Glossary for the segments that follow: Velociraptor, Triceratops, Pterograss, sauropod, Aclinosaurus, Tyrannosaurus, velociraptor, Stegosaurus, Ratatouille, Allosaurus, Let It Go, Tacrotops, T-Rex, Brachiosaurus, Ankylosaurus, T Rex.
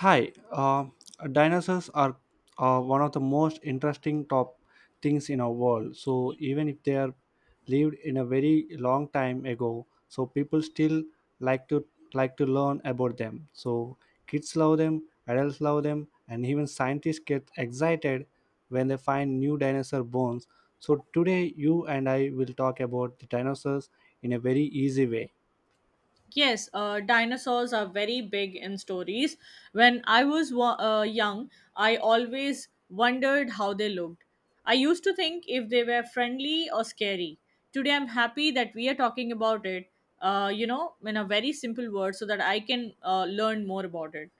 Hi, dinosaurs are one of the most interesting top things in our world. So even if they are lived in a very long time ago, so people still like to like to learn about them. So kids love them, adults love them, and even scientists get excited when they find new dinosaur bones. So today you and I will talk about the dinosaurs in a very easy way. Yes, dinosaurs are very big in stories. When I was young, I always wondered how they looked. I used to think if they were friendly or scary. Today, I'm happy that we are talking about it, in a very simple word so that I can learn more about it.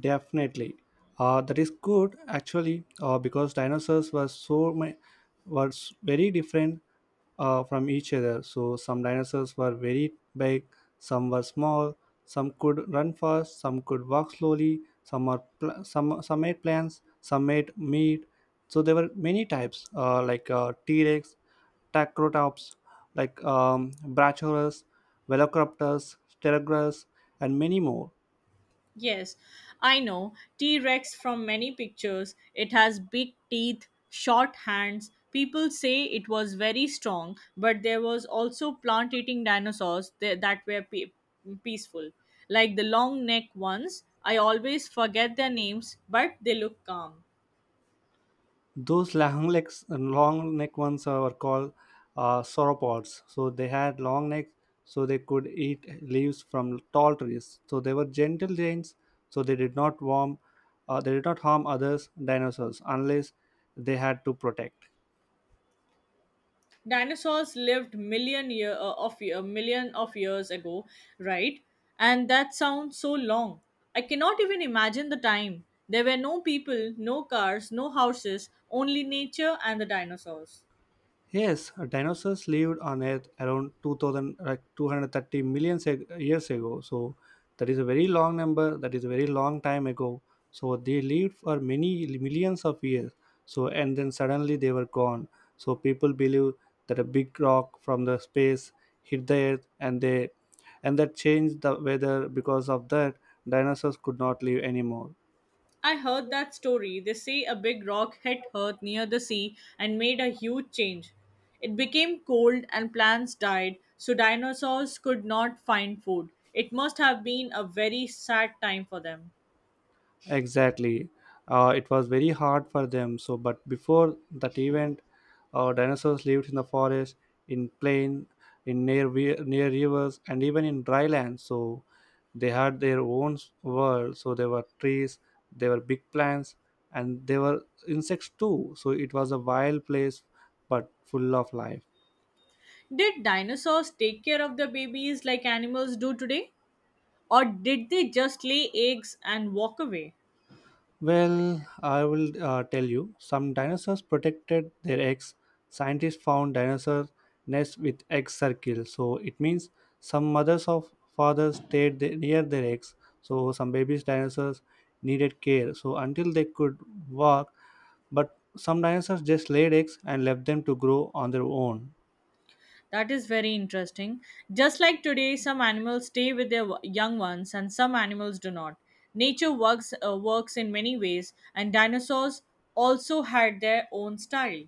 Definitely. That is good actually because dinosaurs were very different from each other. So some dinosaurs were very big, some were small, some could run fast, some could walk slowly, some made plants, some made meat. So there were many types like T-Rex, Tacrotops, like Brachiosaurus, Velociraptors, Pterograss, and many more. Yes, I know. T Rex from many pictures. It has big teeth, short hands. People say it was very strong, but there was also plant eating dinosaurs that were peaceful, like the long neck ones. I always forget their names, but they look calm. Those long legs long neck ones are called sauropods, so they had long necks, so they could eat leaves from tall trees, so they were gentle giants, so they did not harm others dinosaurs unless they had to protect. Dinosaurs lived million year of a million of years ago, right, and that sounds so long. I cannot even imagine the time. There were no people, no cars, no houses, only nature and the dinosaurs. Yes, dinosaurs lived on Earth around 2000, like 230 million years ago. So that is a very long number. That is a very long time ago. So they lived for many millions of years. So and then suddenly they were gone. So people believe that a big rock from the space hit the Earth, and they and that changed the weather. Because of that, dinosaurs could not live anymore. I heard that story. They say a big rock hit earth near the sea and made a huge change. It became cold and plants died, so dinosaurs could not find food. It must have been a very sad time for them. Exactly. It was very hard for them. So, but before that event, dinosaurs lived in the forest, in plain, in near rivers, and even in dry land. So, they had their own world. So there were trees, there were big plants, and there were insects too. So it was a wild place, but full of life. Did dinosaurs take care of their babies like animals do today? Or did they just lay eggs and walk away? Well, I will tell you. Some dinosaurs protected their eggs. Scientists found dinosaur nests with egg circles. So it means some mothers of fathers stayed near their eggs. So some babies dinosaurs needed care, so until they could walk, but some dinosaurs just laid eggs and left them to grow on their own. That is very interesting. Just like today, some animals stay with their young ones and some animals do not. Nature works in many ways, and dinosaurs also had their own style.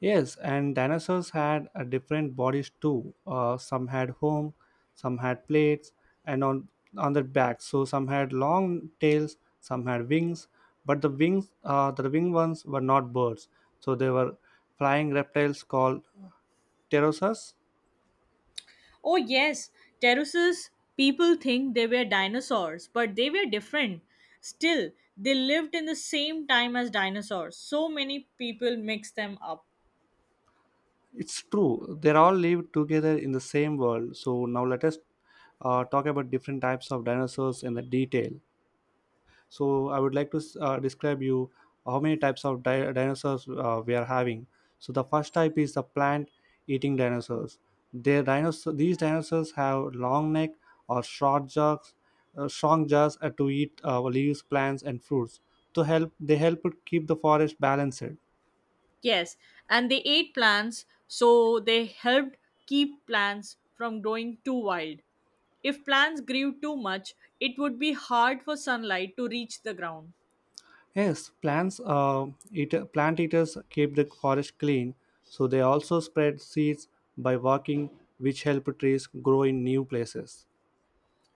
Yes, and dinosaurs had different bodies too. Some had home, some had plates, and on their backs. So some had long tails, some had wings. But the wings, the wing ones, were not birds. So they were flying reptiles called pterosaurs. Oh, yes, pterosaurs. People think they were dinosaurs, but they were different. Still, they lived in the same time as dinosaurs. So many people mix them up. It's true. They all lived together in the same world. So now let us talk about different types of dinosaurs in the detail. So I would like to describe you how many types of dinosaurs we are having. So the first type is the plant-eating dinosaurs. Their dinosaur these dinosaurs have long neck or strong jaws to eat leaves, plants, and fruits. They help to keep the forest balanced. Yes, and they ate plants, so they helped keep plants from growing too wild. If plants grew too much, it would be hard for sunlight to reach the ground. Yes, plant eaters keep the forest clean. So they also spread seeds by walking, which help trees grow in new places.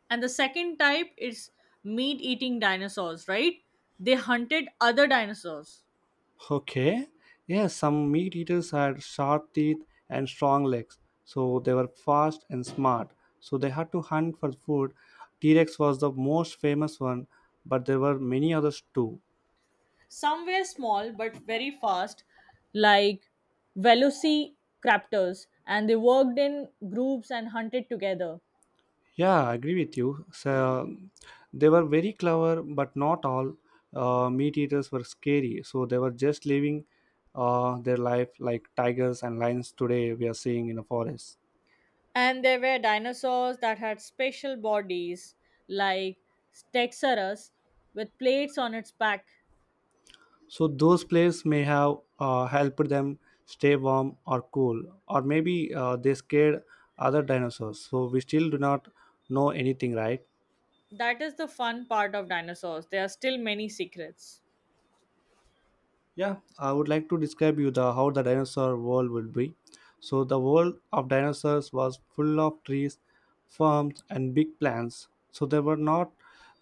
And the second type is meat eating dinosaurs, right? They hunted other dinosaurs. Okay. Yes, some meat eaters had sharp teeth and strong legs, so they were fast and smart. So they had to hunt for food. T Rex was the most famous one, but there were many others too. Some were small but very fast, like velociraptors, and they worked in groups and hunted together. Yeah, I agree with you. So they were very clever, but not all meat eaters were scary. So they were just living their life like tigers and lions today we are seeing in the forest. And there were dinosaurs that had special bodies, like Stegosaurus, with plates on its back. So those plays may have helped them stay warm or cool, or maybe they scared other dinosaurs. So we still do not know anything, right? That is the fun part of dinosaurs. There are still many secrets. Yeah, I would like to describe you the how the dinosaur world would be. So the world of dinosaurs was full of trees, farms, and big plants. So there were not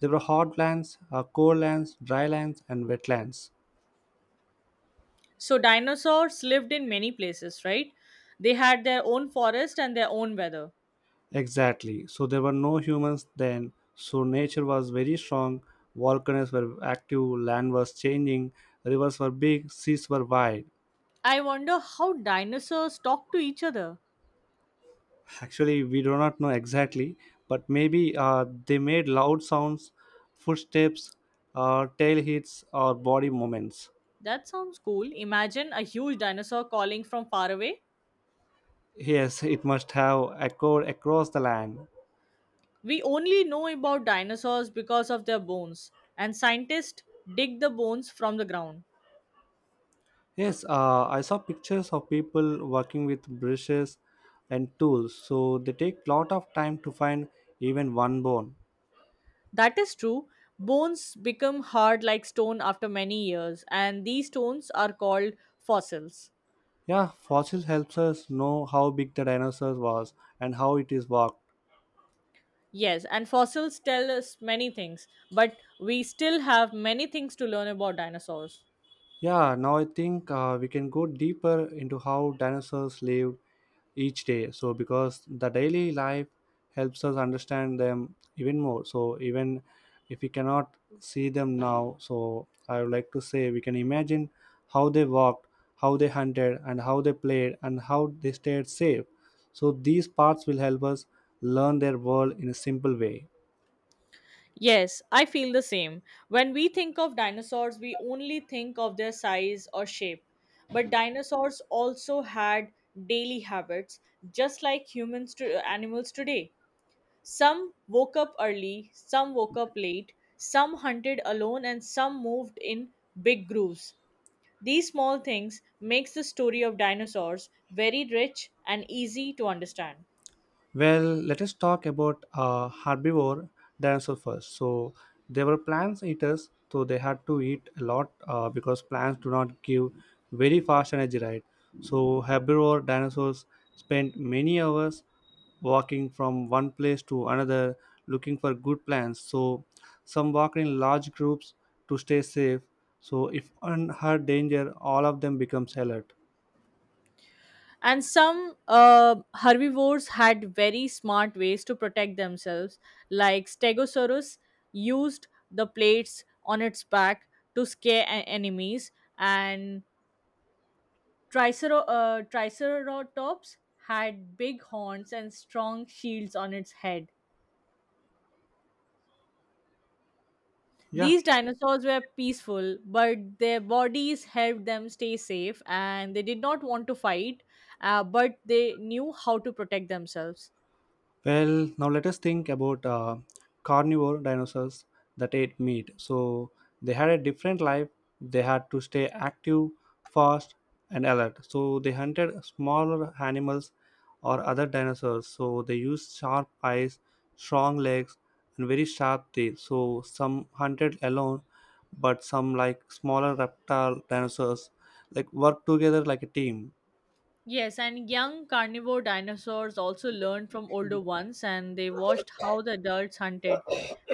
there were hot lands, cold lands, dry lands, and wetlands. So, dinosaurs lived in many places, right? They had their own forest and their own weather. Exactly. So there were no humans then. So nature was very strong. Volcanoes were active. Land was changing. Rivers were big. Seas were wide. I wonder how dinosaurs talk to each other. Actually, we do not know exactly, but maybe they made loud sounds, footsteps, tail hits, or body movements. That sounds cool. Imagine a huge dinosaur calling from far away. Yes, it must have echoed across the land. We only know about dinosaurs because of their bones, and scientists dig the bones from the ground. Yes, I saw pictures of people working with brushes and tools, so they take lot of time to find even one bone. That is true. Bones become hard like stone after many years, and these stones are called fossils. Yeah, fossils helps us know how big the dinosaur was and how it is walked. Yes, and fossils tell us many things, but we still have many things to learn about dinosaurs. Yeah, now I think we can go deeper into how dinosaurs lived each day. So, because the daily life helps us understand them even more. So, even if we cannot see them now, so I would like to say we can imagine how they walked, how they hunted, and how they played, and how they stayed safe. So, these parts will help us learn their world in a simple way. Yes, I feel the same. When we think of dinosaurs, we only think of their size or shape. But dinosaurs also had daily habits, just like humans to animals today. Some woke up early, some woke up late, some hunted alone, and some moved in big groups. These small things makes the story of dinosaurs very rich and easy to understand. Well, let us talk about herbivore dinosaur first. So they were plant eaters, so they had to eat a lot because plants do not give very fast energy, right? So herbivore dinosaurs spent many hours walking from one place to another looking for good plants. So some walked in large groups to stay safe. So if one heard danger, all of them becomes alert. And some herbivores had very smart ways to protect themselves, like Stegosaurus used the plates on its back to scare enemies, and Triceratops had big horns and strong shields on its head. Yeah. These dinosaurs were peaceful, but their bodies helped them stay safe, and they did not want to fight, but they knew how to protect themselves. Well, now let us think about carnivore dinosaurs that ate meat. So they had a different life. They had to stay active, fast, and alert. So they hunted smaller animals or other dinosaurs. So they used sharp eyes, strong legs, and very sharp teeth. So some hunted alone, but some like smaller reptile dinosaurs like worked together like a team. Yes, and young carnivore dinosaurs also learned from older ones and they watched how the adults hunted,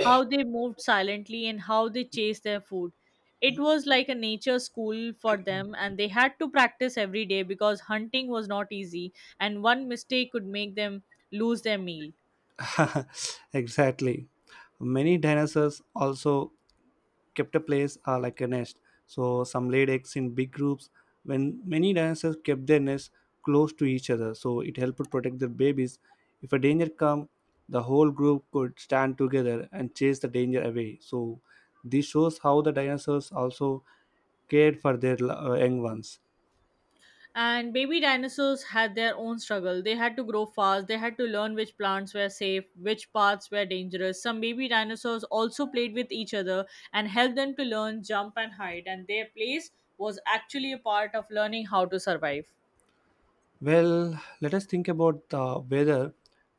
how they moved silently, and how they chased their food. It was like a nature school for them, and they had to practice every day because hunting was not easy, and one mistake could make them lose their meal. exactly. Many dinosaurs also kept a place like a nest. So some laid eggs in big groups when many dinosaurs kept their nests close to each other. So it helped to protect their babies. If a danger come, the whole group could stand together and chase the danger away. So this shows how the dinosaurs also cared for their young ones. And baby dinosaurs had their own struggle. They had to grow fast, they had to learn which plants were safe, which paths were dangerous. Some baby dinosaurs also played with each other and helped them to learn, jump, and hide, and their place was actually a part of learning how to survive. Well, let us think about the weather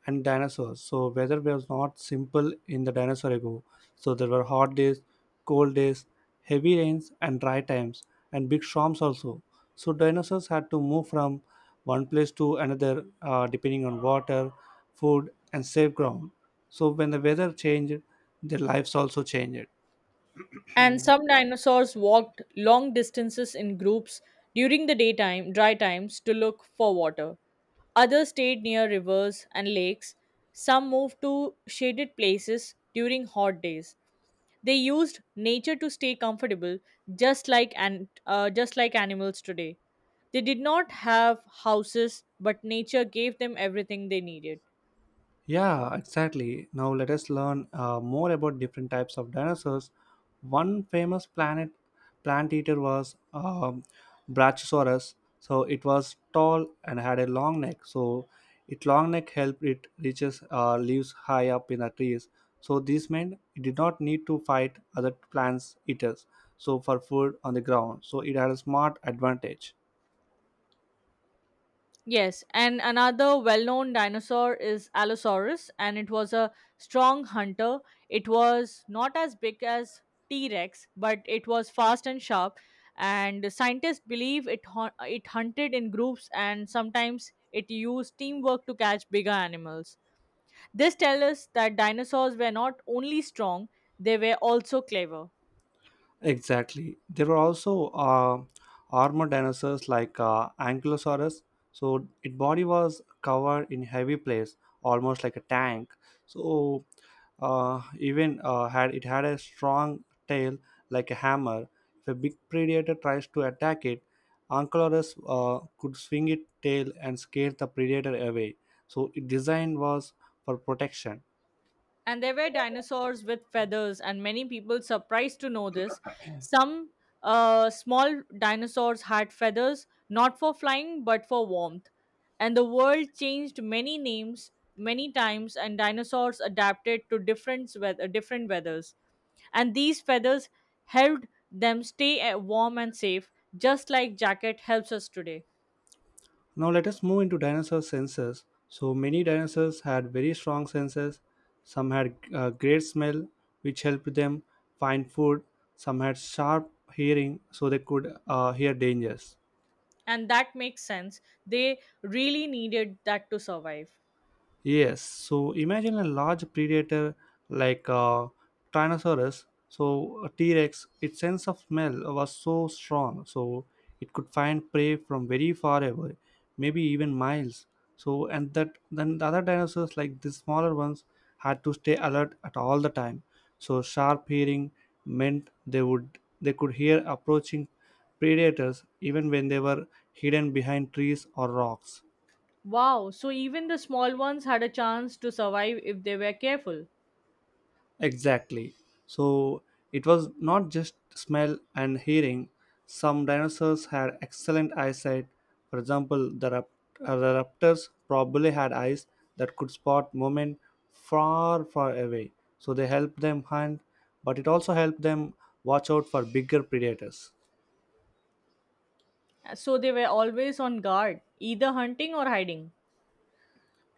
and dinosaurs. So, weather was not simple in the dinosaur ago. So, there were hot days, cold days, heavy rains, and dry times, and big storms also. So, dinosaurs had to move from one place to another depending on water, food, and safe ground. So, when the weather changed, their lives also changed. And some dinosaurs walked long distances in groups during the daytime dry times to look for water. Others stayed near rivers and lakes. Some moved to shaded places during hot days. They used nature to stay comfortable, just like animals today. They did not have houses, but nature gave them everything they needed. Yeah, exactly. Now let us learn more about different types of dinosaurs. One famous planet plant eater was Brachiosaurus. So it was tall and had a long neck. So its long neck helped it reaches leaves high up in the trees. So this meant it did not need to fight other plants eaters. So for food on the ground. So it had a smart advantage. Yes, and another well known dinosaur is Allosaurus, and it was a strong hunter. It was not as big as T Rex, but it was fast and sharp. And scientists believe it hunted in groups and sometimes it used teamwork to catch bigger animals. This tells us that dinosaurs were not only strong, they were also clever. Exactly. There were also armored dinosaurs like Ankylosaurus. So its body was covered in heavy plates, almost like a tank. So even had it had a strong tail like a hammer. If a big predator tries to attack it, Ankylosaurus could swing its tail and scare the predator away. So its design was for protection. And there were dinosaurs with feathers, and many people surprised to know this. Some small dinosaurs had feathers, not for flying but for warmth, and the world changed many names many times, and dinosaurs adapted to different weather different weathers, and these feathers helped them stay warm and safe, just like jacket helps us today. Now let us move into dinosaur senses. So many dinosaurs had very strong senses. Some had great smell, which helped them find food. Some had sharp hearing, so they could hear dangers. And that makes sense. They really needed that to survive. Yes, so imagine a large predator like Tyrannosaurus, so a T Rex. Its sense of smell was so strong, so it could find prey from very far away, maybe even miles. So, and that then the other dinosaurs, like the smaller ones, had to stay alert at all the time. So, sharp hearing meant they could hear approaching predators even when they were hidden behind trees or rocks. Wow, so even the small ones had a chance to survive if they were careful. Exactly. So it was not just smell and hearing. Some dinosaurs had excellent eyesight. For example, the raptors probably had eyes that could spot movement far, far away. So they helped them hunt, but it also helped them watch out for bigger predators. So they were always on guard, either hunting or hiding.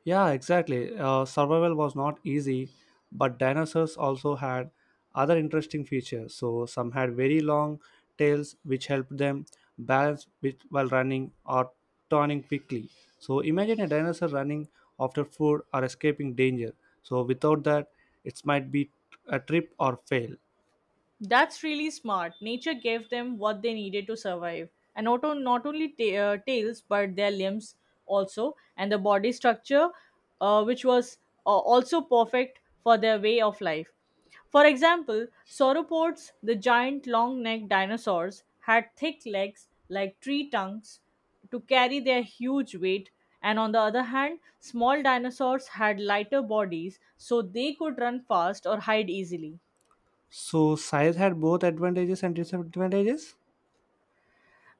Yeah, exactly. Survival was not easy, but dinosaurs also had other interesting features. So some had very long tails, which helped them balance while running or turning quickly. So imagine a dinosaur running after food or escaping danger. So without that, it might be a trip or fail. That's really smart. Nature gave them what they needed to survive. And not only tails, but their limbs also, and the body structure, which was also perfect for their way of life. For example, sauropods, the giant long necked dinosaurs, had thick legs like tree trunks to carry their huge weight, and on the other hand, small dinosaurs had lighter bodies so they could run fast or hide easily. So size had both advantages and disadvantages.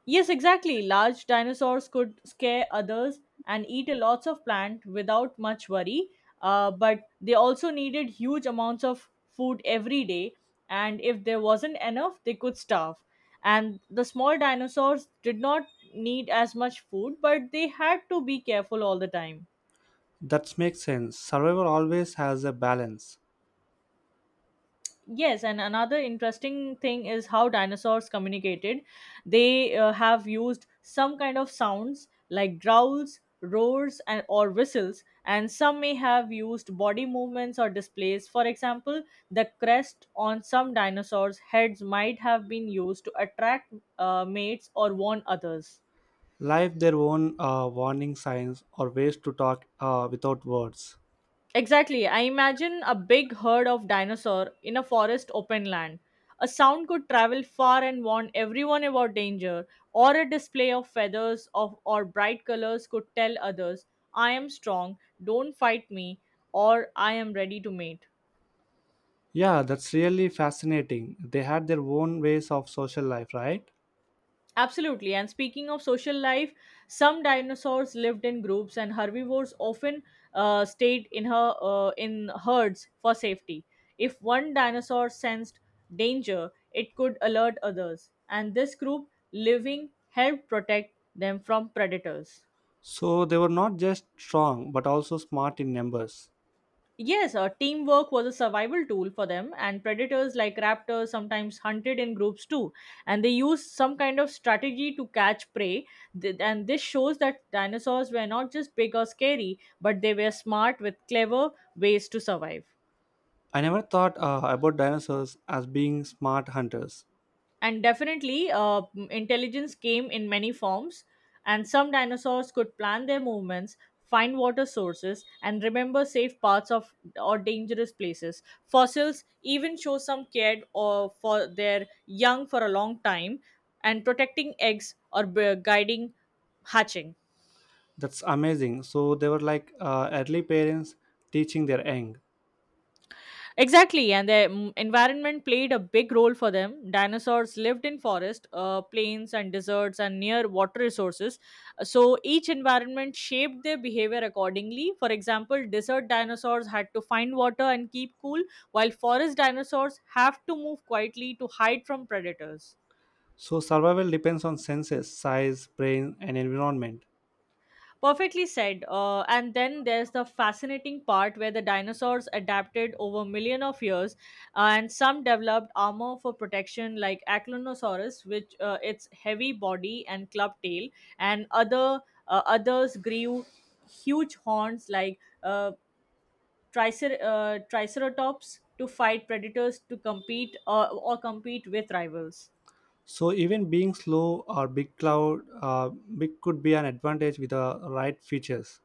Yes, exactly. Large dinosaurs could scare others and eat a lots of plant without much worry. But they also needed huge amounts of food every day, and if there wasn't enough, they could starve. And the small dinosaurs did not need as much food, but they had to be careful all the time. That makes sense. Survival always has a balance. Yes, and another interesting thing is how dinosaurs communicated. They have used some kind of sounds like growls, roars, and or whistles, and some may have used body movements or displays. For example, the crest on some dinosaurs' heads might have been used to attract mates or warn others. Life their own warning signs or ways to talk without words. Exactly. I imagine a big herd of dinosaur in a forest open land. A sound could travel far and warn everyone about danger, or a display of feathers of or bright colors could tell others, I am strong, don't fight me, or I am ready to mate. Yeah, that's really fascinating. They had their own ways of social life, right? Absolutely. And speaking of social life, some dinosaurs lived in groups, and herbivores often stayed in herds for safety. If one dinosaur sensed danger, it could alert others, and this group living helped protect them from predators. So they were not just strong but also smart in numbers. Yes, teamwork was a survival tool for them, and predators like raptors sometimes hunted in groups too. And they used some kind of strategy to catch prey. And this shows that dinosaurs were not just big or scary, but they were smart with clever ways to survive. I never thought about dinosaurs as being smart hunters. And definitely, intelligence came in many forms, and some dinosaurs could plan their movements, find water sources, and remember safe paths of or dangerous places. Fossils even show some cared or for their young for a long time, and protecting eggs or guiding hatching. That's amazing. So they were like early parents teaching their young. Exactly, and the environment played a big role for them. Dinosaurs lived in forest, plains, and deserts, and near water resources. So each environment shaped their behavior accordingly. For example, desert dinosaurs had to find water and keep cool, while forest dinosaurs have to move quietly to hide from predators. So survival depends on senses, size, brain, and environment. Perfectly said. And then there's the fascinating part where the dinosaurs adapted over million of years, and some developed armor for protection, like Aclinosaurus, which its heavy body and club tail, and others grew huge horns like Triceratops to fight predators to compete or compete with rivals. So even being slow or big cloud, big could be an advantage with the right features.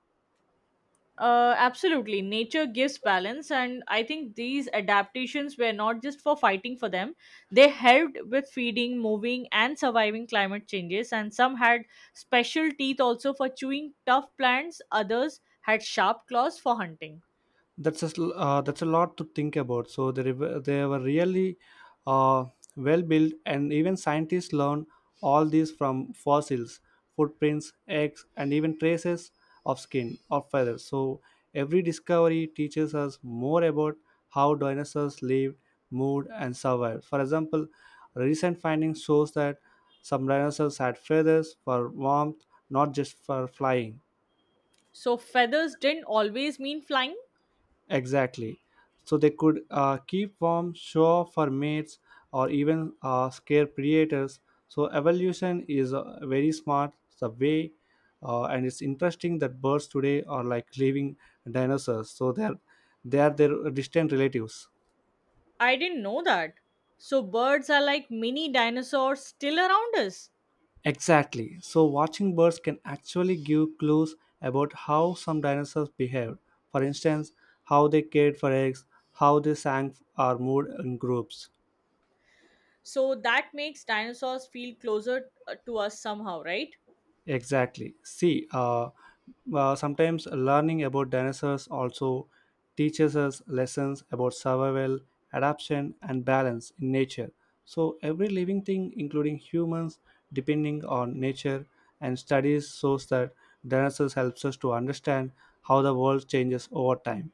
Absolutely. Nature gives balance, and I think these adaptations were not just for fighting for them. They helped with feeding, moving, and surviving climate changes. And some had special teeth also for chewing tough plants, others had sharp claws for hunting. That's a lot to think about, so they were really uh, well built, and even scientists learn all these from fossils, footprints, eggs, and even traces of skin or feathers. So every discovery teaches us more about how dinosaurs lived, moved, and survived. For example, recent findings shows that some dinosaurs had feathers for warmth, not just for flying. So, feathers didn't always mean flying. Exactly. So they could keep warm, show off for mates, or even scare predators. So evolution is very smart the way, and it's interesting that birds today are like living dinosaurs. So they are their distant relatives. I didn't know that. So, birds are like mini dinosaurs still around us. Exactly. So watching birds can actually give clues about how some dinosaurs behaved. For instance, how they cared for eggs, how they sang or moved in groups. So, that makes dinosaurs feel closer to us somehow, right? Exactly. Sometimes learning about dinosaurs also teaches us lessons about survival, adaptation, and balance in nature. So every living thing, including humans, depending on nature, and studies shows that dinosaurs helps us to understand how the world changes over time.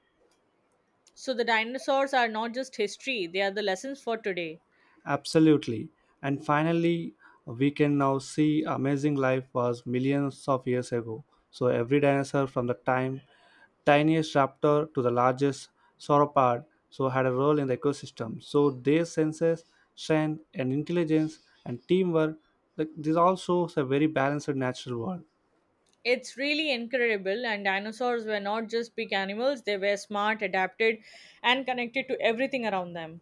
So the dinosaurs are not just history, they are the lessons for today. Absolutely. And finally, we can now see amazing life was millions of years ago. So every dinosaur from the time tiniest raptor to the largest sauropod so had a role in the ecosystem. So their senses, strength and intelligence and teamwork like, this also is a very balanced natural world. It's really incredible, and dinosaurs were not just big animals, they were smart, adapted, and connected to everything around them.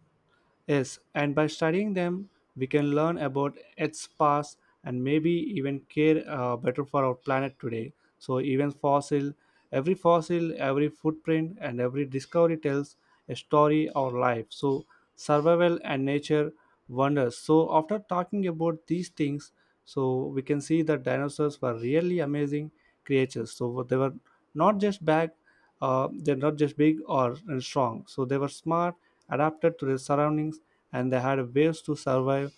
Yes, and by studying them, we can learn about its past and maybe even care better for our planet today. So, even fossil, every footprint, and every discovery tells a story or life. So survival and nature wonders. So after talking about these things, so we can see that dinosaurs were really amazing creatures. So they were not just back they're not just big or and strong, so they were smart, adapted to their surroundings, and they had ways to survive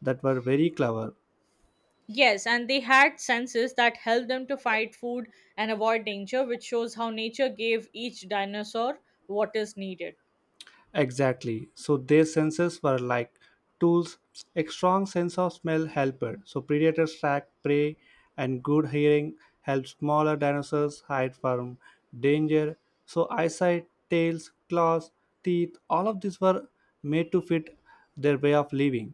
that were very clever. Yes, and they had senses that helped them to fight food and avoid danger, which shows how nature gave each dinosaur what is needed. Exactly. So their senses were like tools. A strong sense of smell helped. So predators track prey, and good hearing helped smaller dinosaurs hide from danger. So eyesight, tails, claws, teeth, all of these were made to fit their way of living.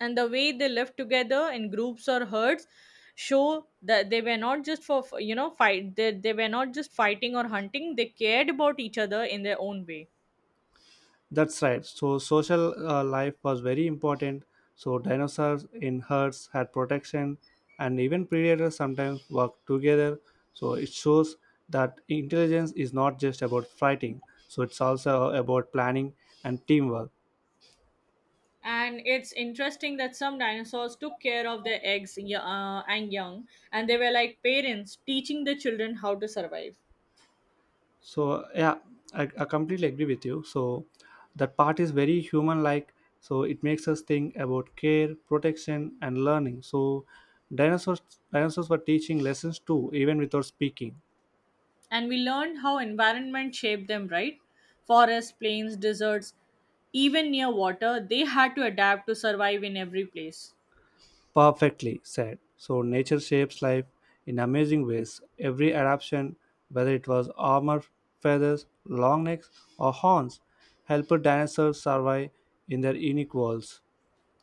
And the way they lived together in groups or herds show that they were not just for you know fight, they were not just fighting or hunting, they cared about each other in their own way. That's right. So social life was very important. So dinosaurs in herds had protection, and even predators sometimes worked together. So it shows that intelligence is not just about fighting. So it's also about planning and teamwork. And it's interesting that some dinosaurs took care of their eggs and young, and they were like parents teaching the children how to survive. So yeah, I completely agree with you. So that part is very human-like. So it makes us think about care, protection, and learning. So dinosaurs dinosaurs were teaching lessons too, even without speaking. And we learned how environment shaped them, right? Forests, plains, deserts, even near water, they had to adapt to survive in every place. Perfectly said. So nature shapes life in amazing ways. Every adaptation, whether it was armor, feathers, long necks, or horns, helped dinosaurs survive in their unique worlds.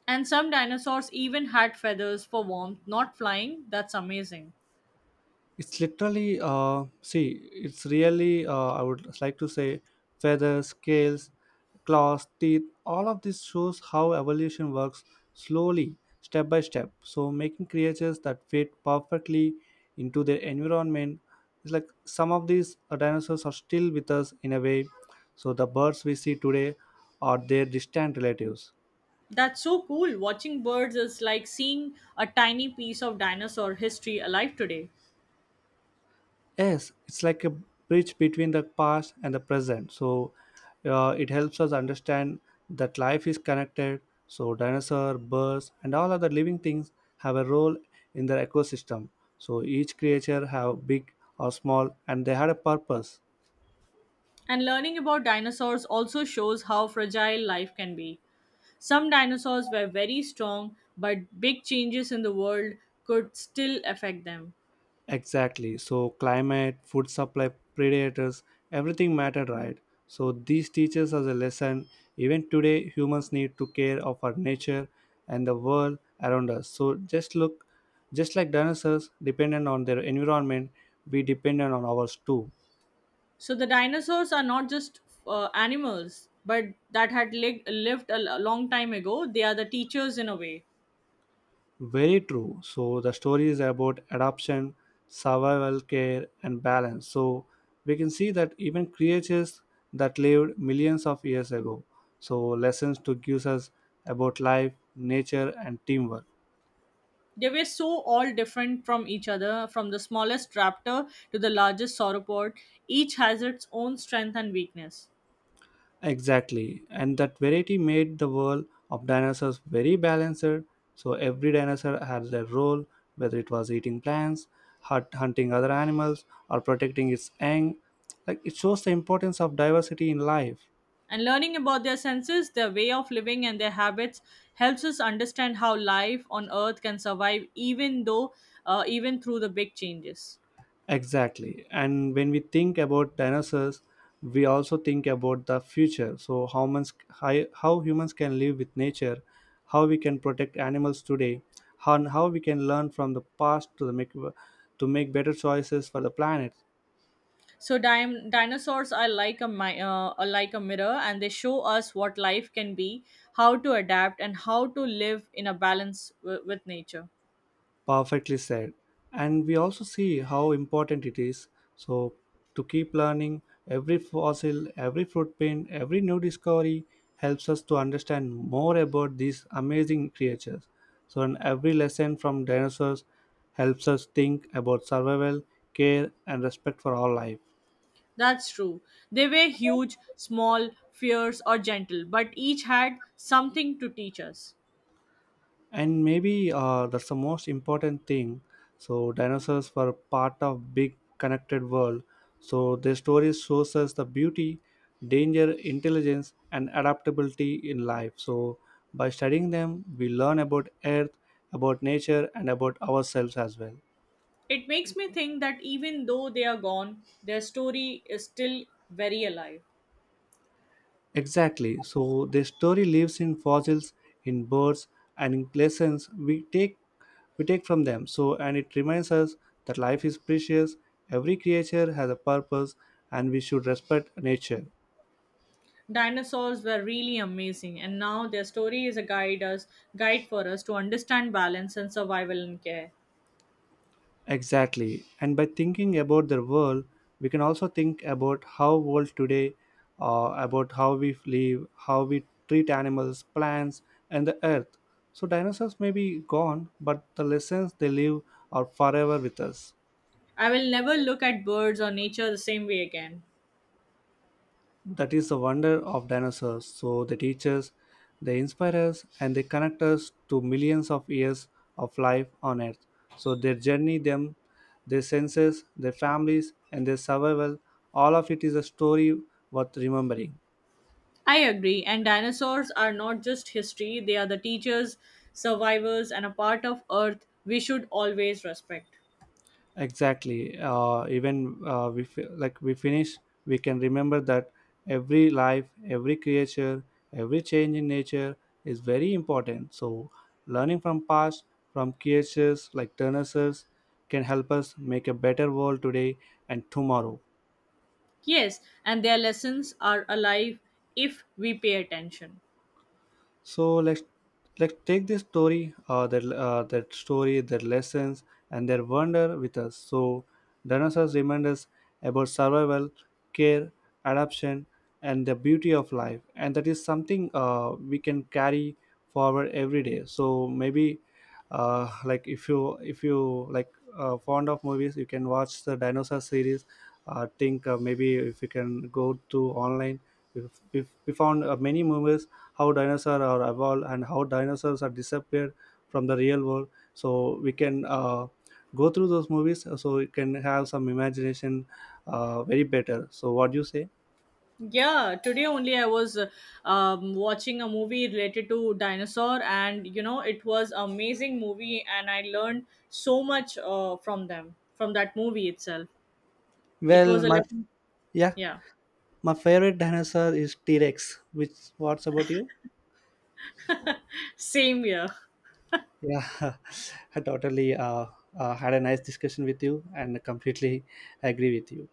And some dinosaurs even had feathers for warmth, not flying. That's amazing. It's literally see It's really I would like to say feathers, scales, claws, teeth, all of this shows how evolution works slowly, step by step, so making creatures that fit perfectly into their environment is like some of these dinosaurs are still with us in a way. So the birds we see today are their distant relatives. That's so cool. Watching birds is like seeing a tiny piece of dinosaur history alive today. Yes, it's like a bridge between the past and the present. So it helps us understand that life is connected. So dinosaur, birds, and all other living things have a role in their ecosystem. So each creature have big or small, and they had a purpose. And learning about dinosaurs also shows how fragile life can be. Some dinosaurs were very strong, but big changes in the world could still affect them. Exactly. So climate, food supply, predators, everything mattered, right? So these teaches us a lesson. Even today, humans need to care of our nature and the world around us. So just look, just like dinosaurs dependent on their environment, we dependent on ours too. So the dinosaurs are not just animals, but that had lived a long time ago. They are the teachers in a way. Very true. So the story is about adoption, survival care, and balance. So we can see that even creatures that lived millions of years ago. So lessons to give us about life, nature, and teamwork. They were so all different from each other, from the smallest raptor to the largest sauropod. Each has its own strength and weakness. Exactly. And that variety made the world of dinosaurs very balanced. So every dinosaur had their role, whether it was eating plants, hunting other animals, or protecting its young. Like it shows the importance of diversity in life. And learning about their senses, their way of living, and their habits helps us understand how life on Earth can survive, even through the big changes. Exactly. And when we think about dinosaurs, we also think about the future. So how humans, how humans can live with nature, how we can protect animals today, and how we can learn from the past to make better choices for the planet. So, dinosaurs are like are like a mirror, and they show us what life can be, how to adapt, and how to live in a balance with nature. Perfectly said, and we also see how important it is, so to keep learning. Every fossil, every footprint, every new discovery helps us to understand more about these amazing creatures. So and every lesson from dinosaurs helps us think about survival, care, and respect for all life. That's true. They were huge, small, fierce, or gentle, but each had something to teach us. And maybe that's the most important thing. So dinosaurs were part of big connected world. So their stories shows us the beauty, danger, intelligence, and adaptability in life. So by studying them we learn about earth, about nature, and about ourselves as well. It makes me think that even though they are gone, their story is still very alive. Exactly. So their story lives in fossils, in birds, and in lessons we take from them. So and it reminds us that life is precious. Every creature has a purpose, and we should respect nature. Dinosaurs were really amazing, and now their story is a guide for us to understand balance and survival and care. Exactly. And by thinking about the world, we can also think about how world today, about how we live, how we treat animals, plants, and the earth. So dinosaurs may be gone, but the lessons they leave are forever with us. I will never look at birds or nature the same way again. That is the wonder of dinosaurs. So they teach us, they inspire us, and they connect us to millions of years of life on Earth. So their journey, them, their senses, their families, and their survival, all of it is a story worth remembering. I agree, and dinosaurs are not just history, they are the teachers, survivors, and a part of Earth we should always respect. Exactly, even we fi- like we finish, we can remember that every life, every creature, every change in nature is very important. So learning from past, from creatures like dinosaurs, can help us make a better world today and tomorrow. Yes, and their lessons are alive if we pay attention. So let's take this story, that story, their lessons, and their wonder with us. So dinosaurs remind us about survival, care, adaptation, and the beauty of life, and that is something we can carry forward every day. So maybe, like if you like fond of movies, you can watch the dinosaur series. I think maybe if you can go to online if we found many movies how dinosaurs are evolved and how dinosaurs are disappeared from the real world. So we can go through those movies so we can have some imagination very better. So what do you say? Yeah, today only I was watching a movie related to dinosaur, and you know it was amazing movie, and I learned so much from that movie itself. It Well, was a my lesson. yeah, Yeah, my favorite dinosaur is T Rex. Which what's about you? same here. Yeah, I totally had a nice discussion with you and completely agree with you.